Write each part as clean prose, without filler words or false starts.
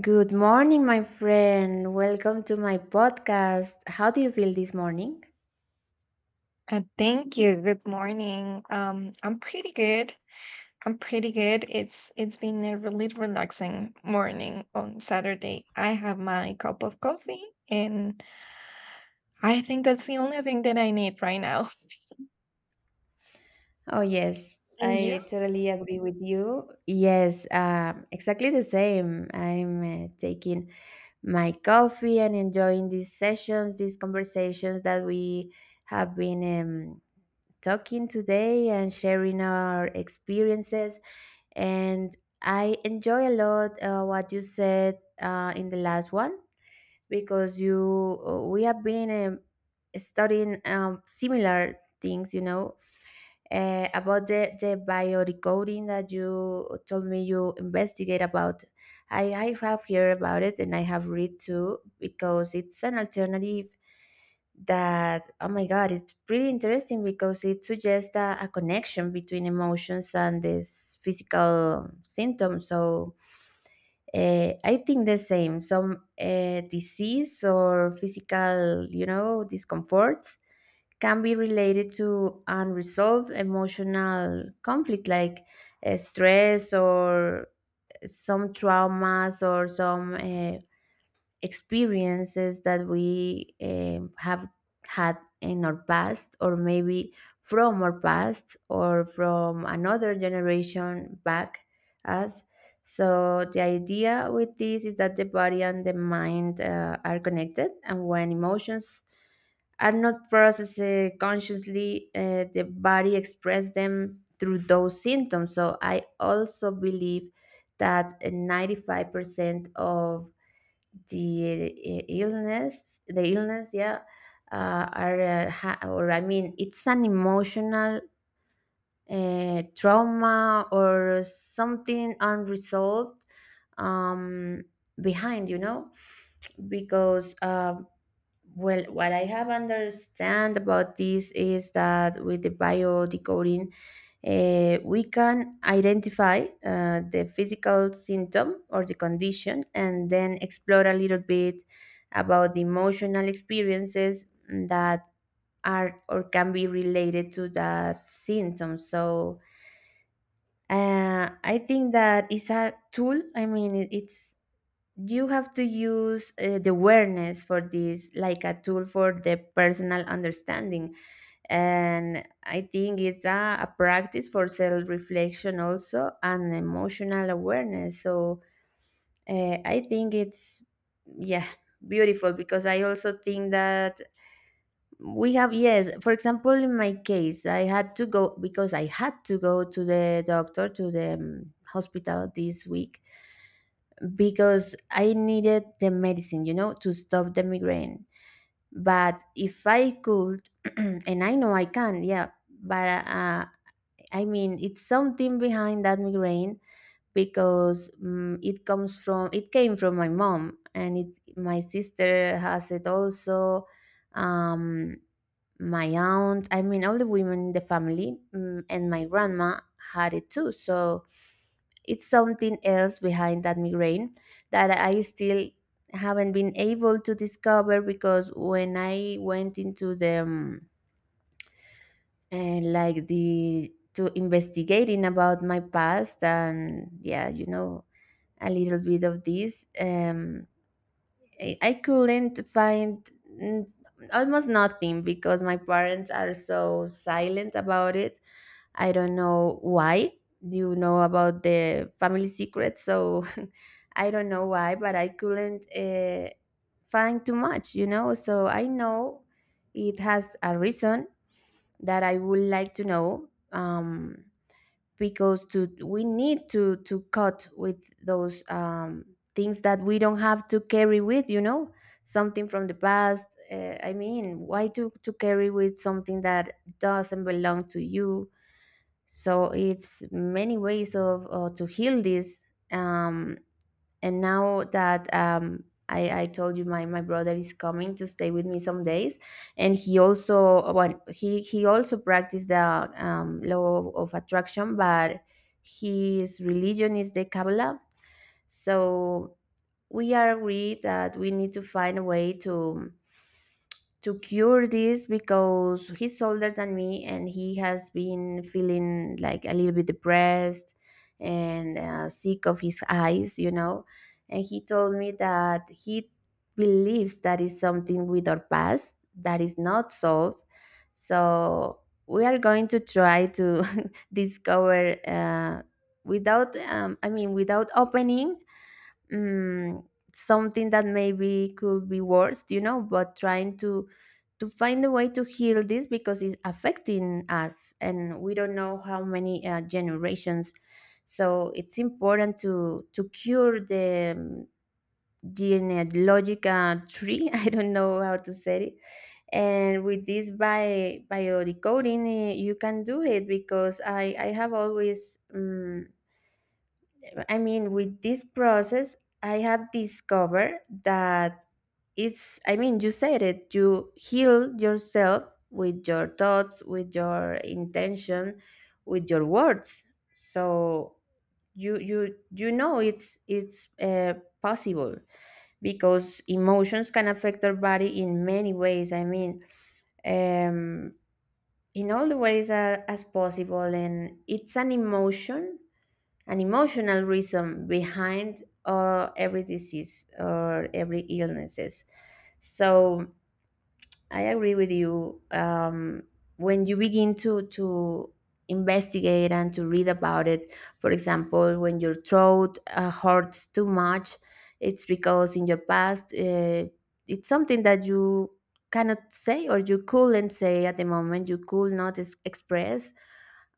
Good morning, my friend. Welcome to my podcast. How do you feel this morning? Thank you. Good morning. I'm pretty good. I'm pretty good. It's been a really relaxing morning on Saturday. I have my cup of coffee, and I think that's the only thing that I need right now. Oh, yes, And you? I totally agree with you. Yes, exactly the same. I'm taking my coffee and enjoying these sessions, these conversations that we have been talking today and sharing our experiences. And I enjoy a lot what you said in the last one, because you we have been studying similar things. About the biorecoding that you told me you investigate about. I have heard about it, and I have read too, because it's an alternative that, oh my God, it's pretty interesting because it suggests a connection between emotions and these physical symptoms. So I think the same. Some disease or physical discomforts can be related to unresolved emotional conflict, like stress or some traumas or some experiences that we have had in our past, or maybe from our past or from another generation back us. So the idea with this is that the body and the mind are connected, and when emotions are not processed consciously, the body expresses them through those symptoms. So I also believe that 95% of the eh, illness the illness, yeah, are, or, I mean, it's an emotional trauma or something unresolved um behind, because well, what I have understand about this is that with the bio decoding, we can identify the physical symptom or the condition, and then explore a little bit about the emotional experiences that are or can be related to that symptom. So I think that it's a tool. I mean, it's, you have to use the awareness for this like a tool for the personal understanding. And I think it's a practice for self-reflection also, and emotional awareness. So I think it's, yeah, beautiful, because I also think that we have, yes. For example, in my case, I had to go because I had to go to the doctor, to the hospital this week, because I needed the medicine, to stop the migraine. But if I could, and I know I can, yeah, but I mean, it's something behind that migraine, because it came from my mom, and my sister has it also. Um, my aunt, I mean, all the women in the family, and my grandma had it too. So it's something else behind that migraine that I still haven't been able to discover, because when I went into the like, the to investigating about my past and, yeah, a little bit of this, I couldn't find, almost nothing, because my parents are so silent about it. I don't know why. You know about the family secrets, so I don't know why, but I couldn't find too much. So I know it has a reason that I would like to know. Because to we need to cut with those things that we don't have to carry with, something from the past. I mean, why to carry with something that doesn't belong to you? So it's many ways of, to heal this um and now that I told you, my brother is coming to stay with me some days, and he also practiced the law of attraction, but his religion is the Kabbalah. So we are agreed that we need to find a way to cure this, because he's older than me and he has been feeling like a little bit depressed, and sick of his eyes. And he told me that he believes that is something with our past that is not solved. So we are going to try to discover, without, I mean, without opening, mm, something that maybe could be worse, but trying to find a way to heal this, because it's affecting us, and we don't know how many generations. So it's important to cure the genealogical tree. I don't know how to say it. And with this, by decoding, you can do it, because I have always. I mean, with this process, I have discovered that it's, I mean, you said it, you heal yourself with your thoughts, with your intention, with your words. So you, you know, it's possible, because emotions can affect our body in many ways. I mean, um, in all the ways as possible, and it's an emotional reason behind every disease or every illnesses. So I agree with you. When you begin to investigate and to read about it, for example, when your throat hurts too much, it's because in your past it's something that you cannot say, or you couldn't say at the moment. You could not express,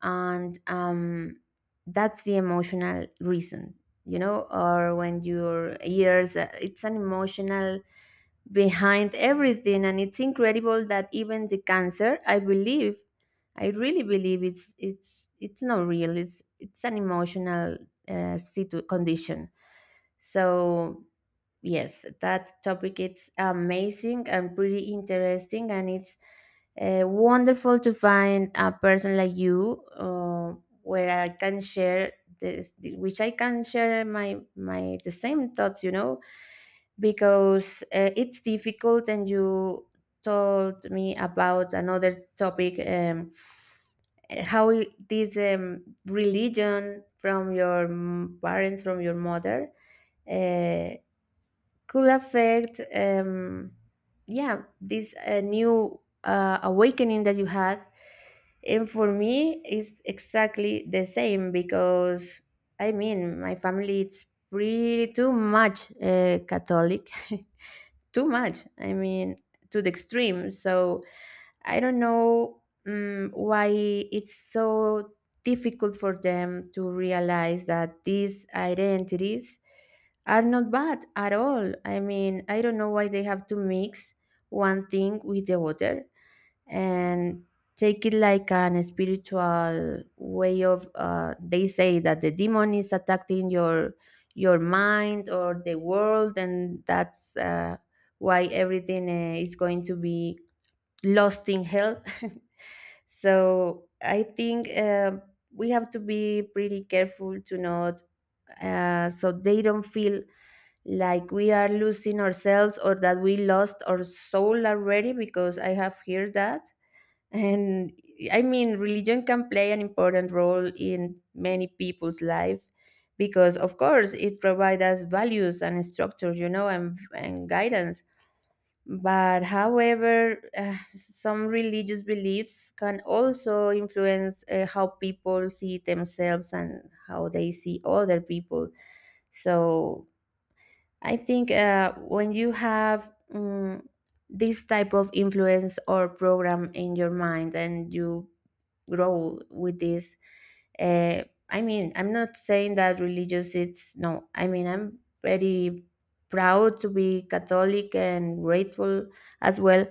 and that's the emotional reason. You know, or when your ears, it's an emotional behind everything. And it's incredible that even the cancer, I really believe, it's not real, it's an emotional condition. So, yes, that topic, it's amazing and pretty interesting, and it's wonderful to find a person like you where I can share this, which I can share my my the same thoughts, because it's difficult. And you told me about another topic, how this religion from your parents, from your mother, uh, could affect, yeah, this new awakening that you had. And for me it's exactly the same, because I mean, my family, it's pretty too much Catholic. Too much, I mean, to the extreme. So I don't know why it's so difficult for them to realize that these identities are not bad at all. I mean, I don't know why they have to mix one thing with the other and take it like an spiritual way of, they say that the demon is attacking your mind or the world, and that's why everything is going to be lost in hell. So I think we have to be pretty careful to not, so they don't feel like we are losing ourselves, or that we lost our soul already, because I have heard that. And I mean, religion can play an important role in many people's life, because, of course, it provides us values and structure, and, guidance. But however, some religious beliefs can also influence how people see themselves and how they see other people. So I think when you have this type of influence or program in your mind, and you grow with this, uh, I mean, I'm not saying that religious, it's, no, I mean, I'm very proud to be Catholic and grateful as well.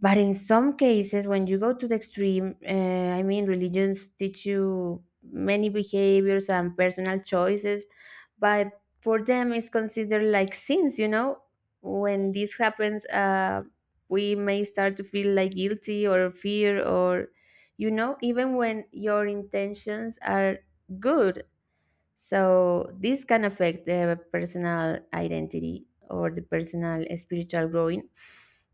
But in some cases, when you go to the extreme, I mean, religions teach you many behaviors and personal choices, but for them it's considered like sins when this happens, we may start to feel like guilty, or fear, or, even when your intentions are good. So this can affect the personal identity or the personal spiritual growing.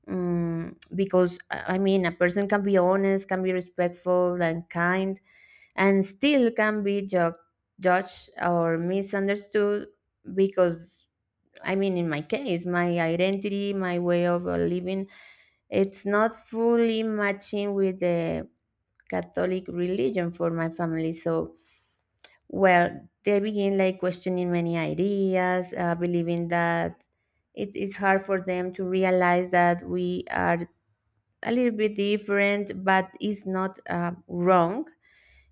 Because I mean, a person can be honest, can be respectful and kind, and still can be judged or misunderstood, because, I mean, in my case, my identity, my way of living, it's not fully matching with the Catholic religion for my family. So, well, they begin like questioning many ideas, believing that it is hard for them to realize that we are a little bit different, but it's not wrong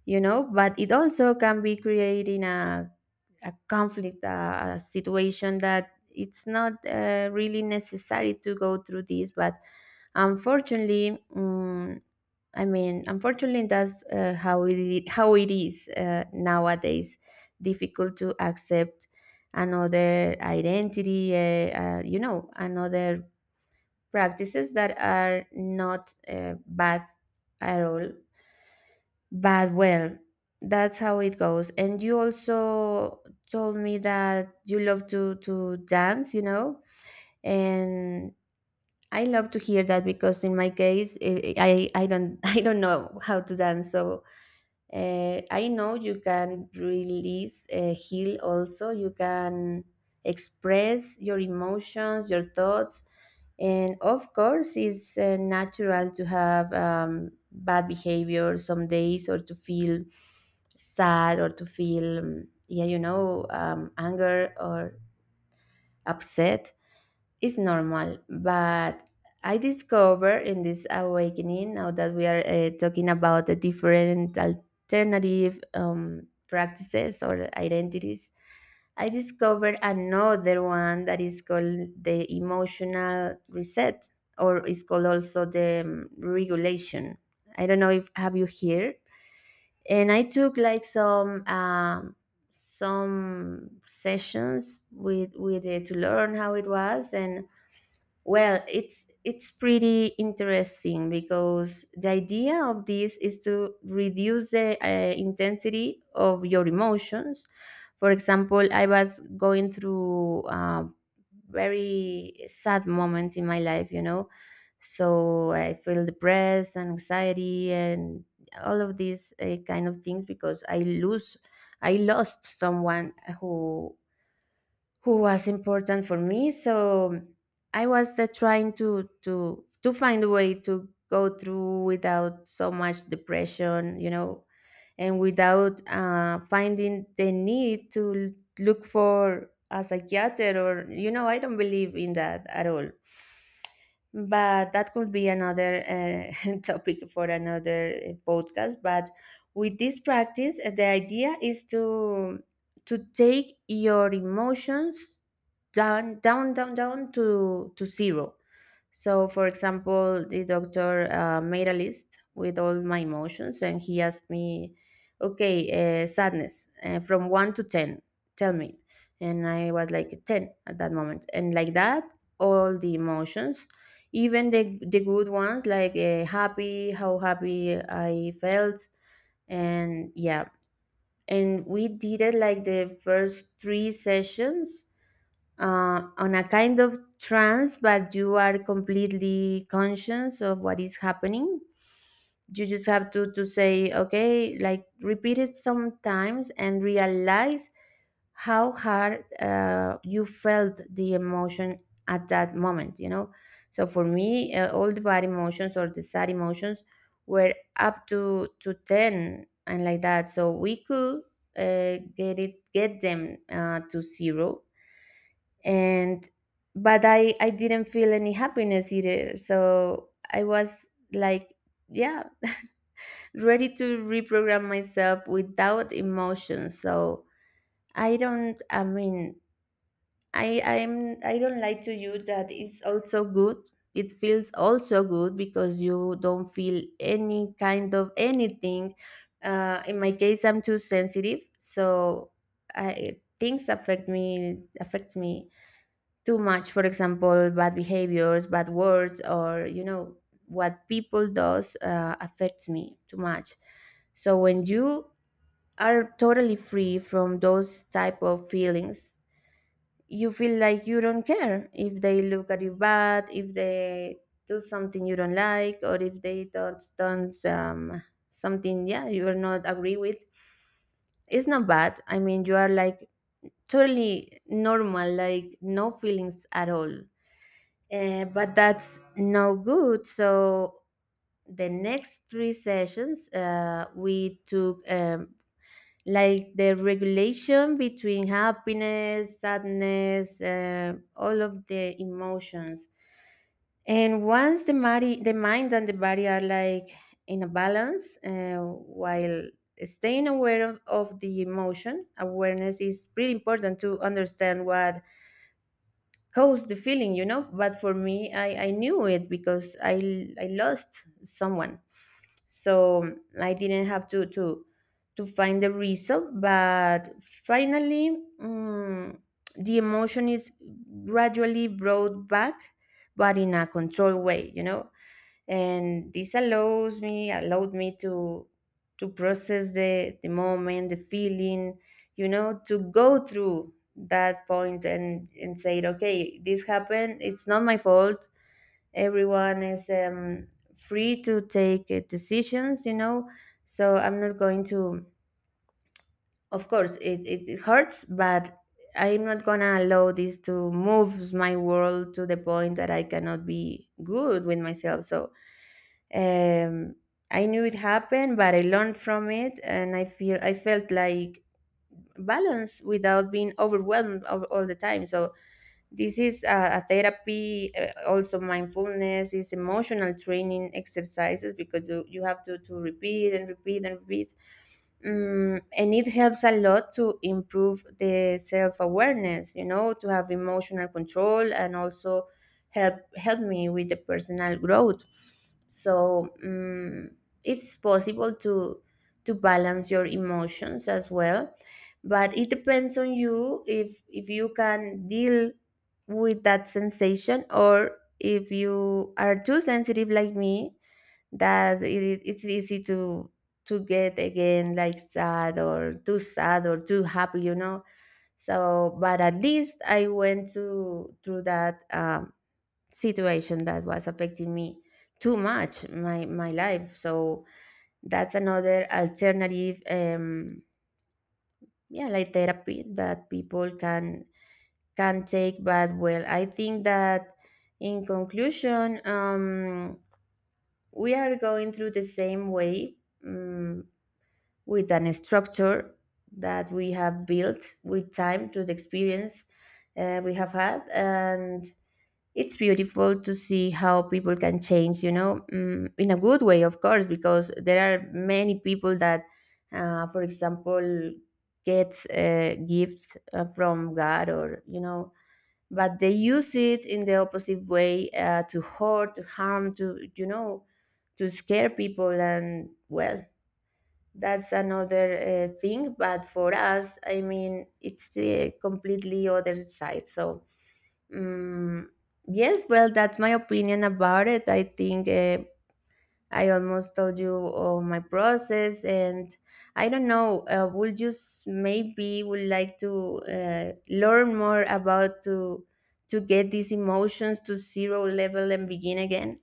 but it also can be creating a conflict, a situation that it's not really necessary to go through this. But unfortunately, I mean, unfortunately, that's how it is, nowadays, difficult to accept another identity, you know, another practices that are not bad at all. But well, that's how it goes. And you also told me that you love to dance, and I love to hear that, because in my case, I don't I don't know how to dance. So, I know you can release, heal also. You can express your emotions, your thoughts. And of course, it's natural to have bad behavior some days, or to feel sad, or to feel, anger or upset is normal. But I discover in this awakening now that we are talking about the different alternative practices or identities, I discovered another one that is called the emotional reset, or is called also the regulation. I don't know if have you here. And I took like some sessions with it to learn how it was, and well, it's pretty interesting because the idea of this is to reduce the intensity of your emotions. For example, I was going through a very sad moment in my life. So I feel depressed and anxiety and all of these kind of things because I lost someone who who was important for me. So I was trying to to find a way to go through without so much depression, and without finding the need to look for a psychiatrist, or you know I don't believe in that at all. But that could be another topic for another podcast. But with this practice, the idea is to take your emotions down, down, down, down to zero. So for example, the doctor made a list with all my emotions and he asked me, okay, sadness, from 1 to 10, tell me. And I was like 10 at that moment, and like that, all the emotions, even the good ones, like happy, how happy I felt. And yeah, and we did it like the first three sessions on a kind of trance, but you are completely conscious of what is happening. You just have to say, okay, like repeat it sometimes and realize how hard you felt the emotion at that moment, you know? So for me, all the bad emotions or the sad emotions were up to 10, and like that. So we could get it, get them to zero. And but I didn't feel any happiness either, so I was like, yeah, ready to reprogram myself without emotion. So I don't I mean, I don't lie to you that it's also good. It feels also good because you don't feel any kind of anything. In my case, I'm too sensitive, so I, things affect me too much. For example, bad behaviors, bad words, or you know, what people does affects me too much. So when you are totally free from those type of feelings, you feel like you don't care if they look at you bad, if they do something you don't like, or if they don't done something, yeah, you are not agree with. It's not bad, I mean, you are like totally normal, like no feelings at all. But that's no good. So the next three sessions, we took like the regulation between happiness, sadness, all of the emotions. And once the body, the mind and the body are like in a balance, while staying aware of the emotion, awareness is pretty important to understand what caused the feeling, you know. But for me, I knew it because I lost someone. So I didn't have to find the reason. But finally, the emotion is gradually brought back, but in a controlled way, you know. And this allows me allowed me to process the moment, the feeling, you know, to go through that point, and said, okay, this happened, it's not my fault. Everyone is free to take decisions, you know. So I'm not going to, of course it hurts, but I'm not gonna allow this to move my world to the point that I cannot be good with myself. So um I knew it happened, but I learned from it, and I felt like balance without being overwhelmed all the time. So this is a therapy, also mindfulness, is emotional training exercises because you have to repeat and repeat and repeat. And it helps a lot to improve the self awareness, you know, to have emotional control, and also help me with the personal growth. So it's possible to balance your emotions as well, but it depends on you if you can deal with that sensation, or if you are too sensitive like me, that it's easy to get again like sad, or too sad, or too happy, you know. So but at least I went to through that situation that was affecting me too much, my life. So that's another alternative, yeah, like therapy that people can take. But well, I think that in conclusion, we are going through the same way um, with an structure that we have built with time to the experience we have had. And it's beautiful to see how people can change, you know, in a good way, of course, because there are many people that for example, gets gifts from god, or you know, but they use it in the opposite way to hurt, to harm, to you know, to scare people. And well, that's another thing. But for us, I mean, it's the completely other side. So, um, yes, well, that's my opinion about it, I think. I almost told you all my process, and I don't know. Would you maybe would like to learn more about to get these emotions to zero level and begin again?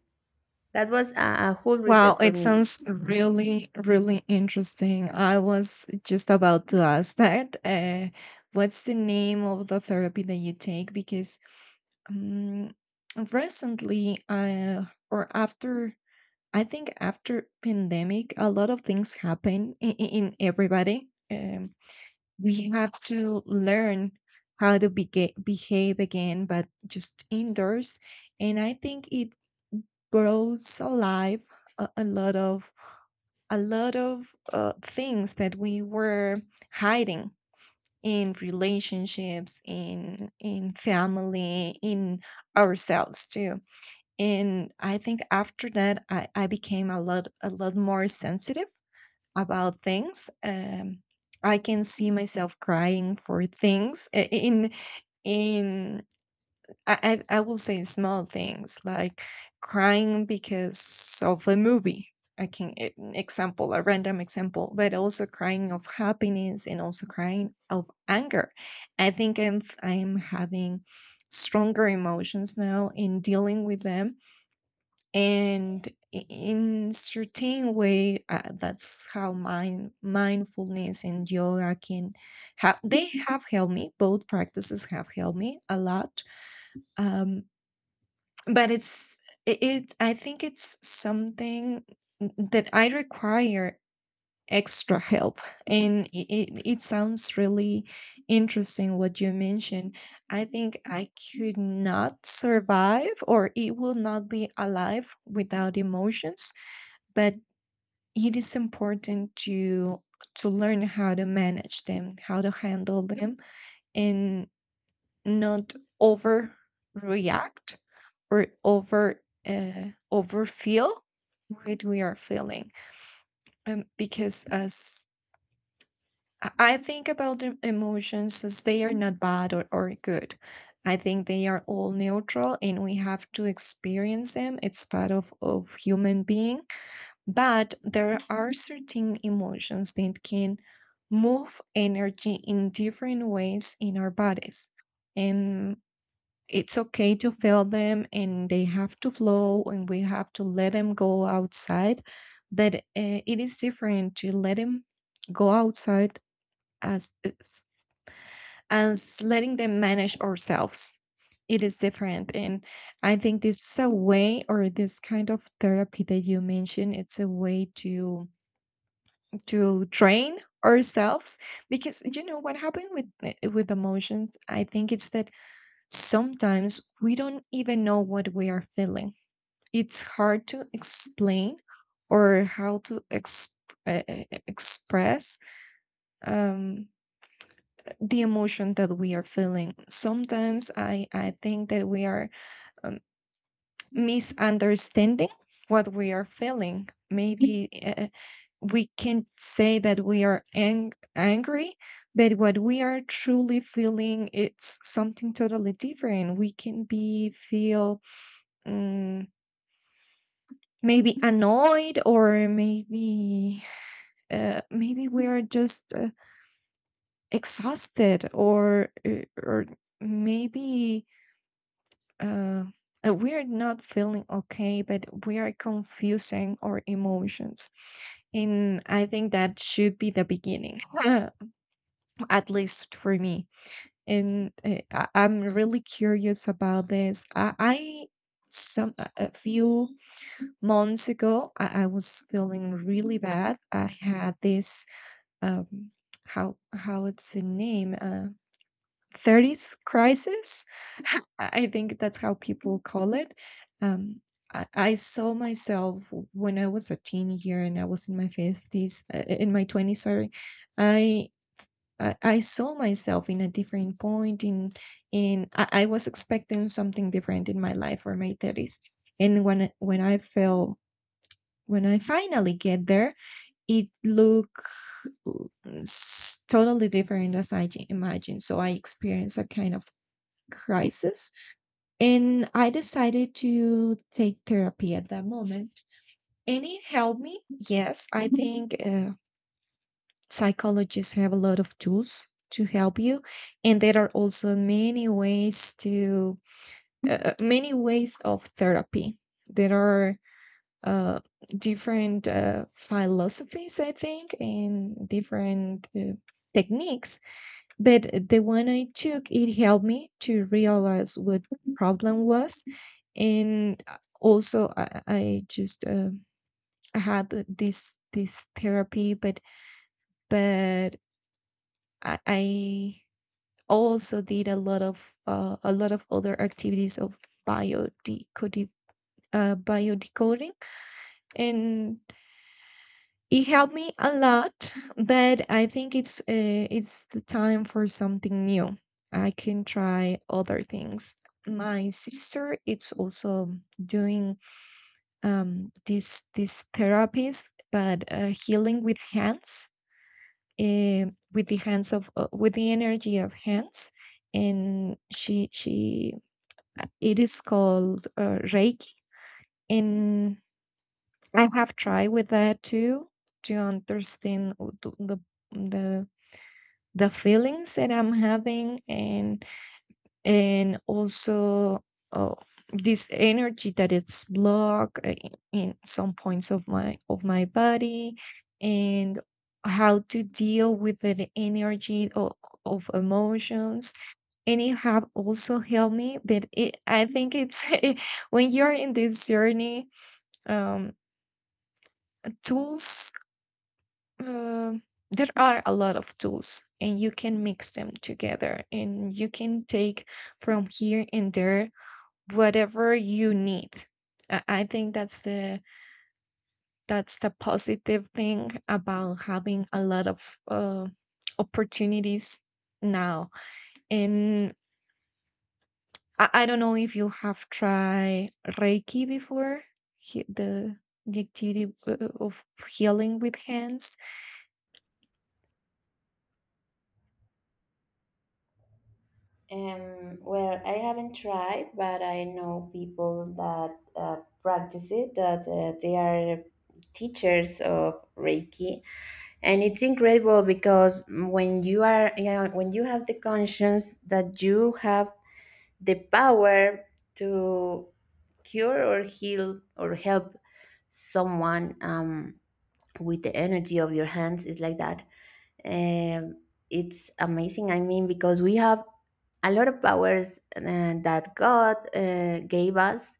That was a whole Wow, reset for it me. sounds really, really interesting. I was just about to ask that. What's the name of the therapy that you take? Because um, recently, or after I think after pandemic, a lot of things happen in everybody. We have to learn how to behave again, but just indoors. And I think it brought alive a, a lot of a lot of things that we were hiding in relationships, in family, in ourselves too. And I think after that, I became a lot more sensitive about things. I can see myself crying for things I- in I, I will say small things like crying because of a movie. I can example a random example, but also crying of happiness and also crying of anger. I think I'm having stronger emotions now in dealing with them and in certain way, that's how mindfulness and yoga can have. They have helped me, both practices have helped me a lot. um but it's, it I think it's something that I require extra help. And it sounds really interesting what you mentioned. I think I could not survive or it will not be alive without emotions, but it is important to learn how to manage them, how to handle them, and not overreact or over overfeel what we are feeling. Because as I think about the emotions as they are not bad or good. I think they are all neutral and we have to experience them. It's part of human being. But there are certain emotions that can move energy in different ways in our bodies. And it's okay to feel them and they have to flow and we have to let them go outside. But it is different to let them go outside as as as letting them manage ourselves. It is different. And I think this is a way, or this kind of therapy that you mentioned, it's a way to train ourselves. Because you know what happened with with emotions, I think it's that sometimes we don't even know what we are feeling. It's hard to explain or how to express um the emotion that we are feeling. Sometimes I think that we are um, misunderstanding what we are feeling. Maybe we can't say that we are angry, but what we are truly feeling it's something totally different. We can be feel um, maybe annoyed, or maybe maybe we are just exhausted, or maybe uh, we are not feeling okay, but we are confusing our emotions. And I think that should be the beginning, at least for me. And I'm really curious about this. I Some a few months ago, I was feeling really bad. I had this um, how it's the name, 30s crisis. I think that's how people call it. Um, I saw myself when I was a teen year and I was in my 50s, in my 20s, sorry. I I saw myself in a different point I was expecting something different in my life for my 30s. And when I felt, when I finally get there, it looked totally different as I imagined. So I experienced a kind of crisis, and I decided to take therapy at that moment. And it helped me. Yes, I think psychologists have a lot of tools to help you. And there are also many ways to many ways of therapy. There are uh, different philosophies, I think, and different techniques. But the one I took, it helped me to realize what the problem was. And also I just had this therapy. But I also did a lot of other activities of biodecoding, biodecoding. And it helped me a lot, but I think it's the time for something new. I can try other things. My sister it's also doing this therapies, but healing with hands, uh, with the hands of, with the energy of hands. And she, it is called Reiki. And I have tried with that too, to understand the the the feelings that I'm having. And also uh, this energy that it's blocked in some points of my body. And how to deal with the energy of emotions. And it have also helped me. But it, I think it's, when you're in this journey, um tools, uh, there are a lot of tools and you can mix them together, and you can take from here and there whatever you need. I think that's the, that's the positive thing about having a lot of uh, opportunities now. And I don't know if you have tried Reiki before, he- the the activity of healing with hands. Well, I haven't tried, but I know people that practice it, that they are teachers of Reiki. And it's incredible because when you are, you know, when you have the conscience that you have the power to cure, or heal, or help someone with the energy of your hands, it's like that. Um, it's amazing, I mean, because we have a lot of powers that God gave us.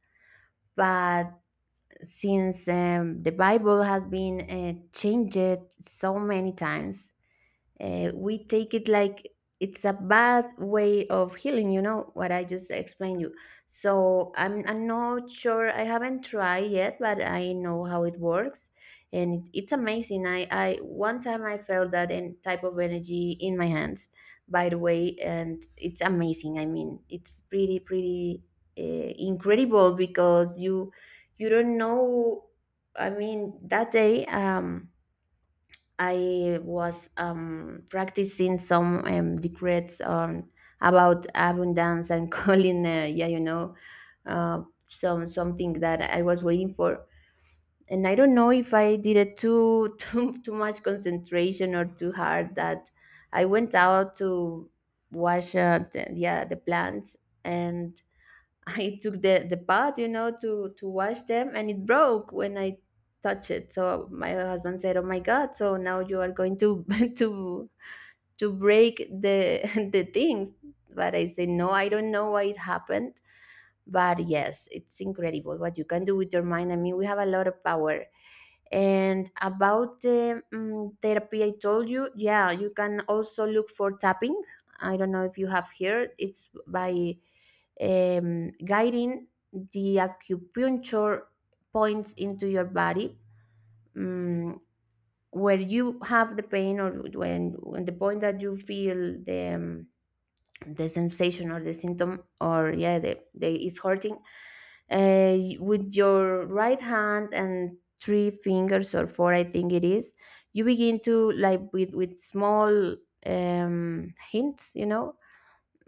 But since the Bible has been changed so many times, we take it like it's a bad way of healing, you know, what I just explained you. So I'm not sure, I haven't tried yet, but I know how it works. And it's amazing. I one time I felt that type of energy in my hands, by the way, and it's amazing, I mean, it's pretty pretty uh, incredible, because you don't know, I mean, that day, I was practicing some decrees about abundance and calling, uh, some something that I was waiting for. And I don't know if I did it too too much concentration or too hard, that I went out to wash, the plants. And I took the pot, you know, to wash them, and it broke when I touched it. So my husband said, "Oh my God! So now you are going to to to break the the things." But I said, "No, I don't know why it happened. But yes, it's incredible what you can do with your mind. I mean, we have a lot of power." And about the therapy I told you, yeah, you can also look for tapping. I don't know if you have here. It's by guiding the acupuncture points into your body, um, where you have the pain, or when the point that you feel the sensation or the symptom, or yeah, the it's hurting, with your right hand and three fingers, or four, I think it is, you begin to, like, with small hints, you know,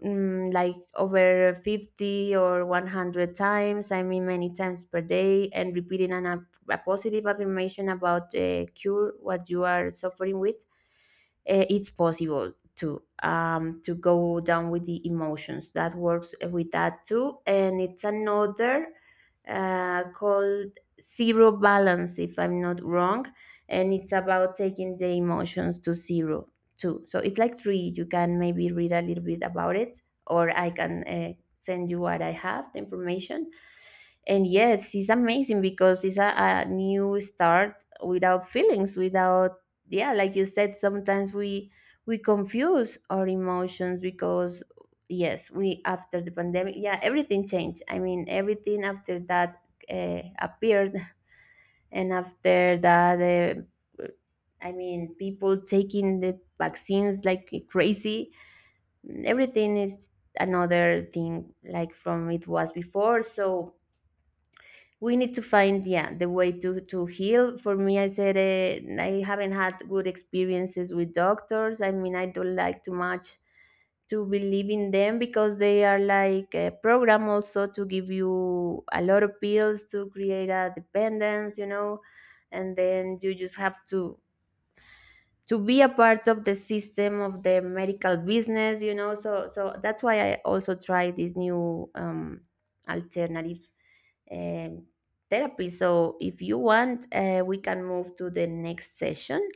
like over 50 or 100 times, I mean many times per day, and repeating an, a positive affirmation about the cure, what you are suffering with. It's possible to go down with the emotions. That works with that too. And it's another called zero balance, if I'm not wrong. And it's about taking the emotions to zero too. So it's like three. You can maybe read a little bit about it, or I can send you what I have, the information. And yes, it's amazing because it's a new start without feelings, without, yeah, like you said, sometimes we confuse our emotions. Because yes, we after the pandemic, yeah, everything changed. I mean, everything after that appeared. and after that, I mean, people taking the vaccines like crazy, everything is another thing like from it was before. So we need to find, yeah, the way to heal. For me, I said, I haven't had good experiences with doctors. I mean, I don't like too much to believe in them, because they are like a program also to give you a lot of pills to create a dependence, you know. And then you just have to be a part of the system of the medical business, you know. So that's why I also try this new alternative um, therapy. So if you want, we can move to the next session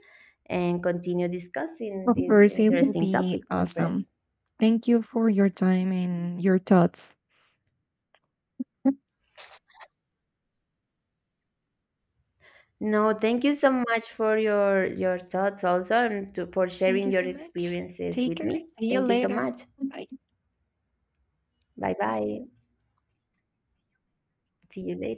and continue discussing Of this course, it will interesting be topic, my friend. awesome. Thank you for your time and your thoughts. No, thank you so much for your thoughts also, and to, for Thank sharing you your so much. experiences Take with care. me. See you Thank you so later. much. Bye. Bye bye. See you later.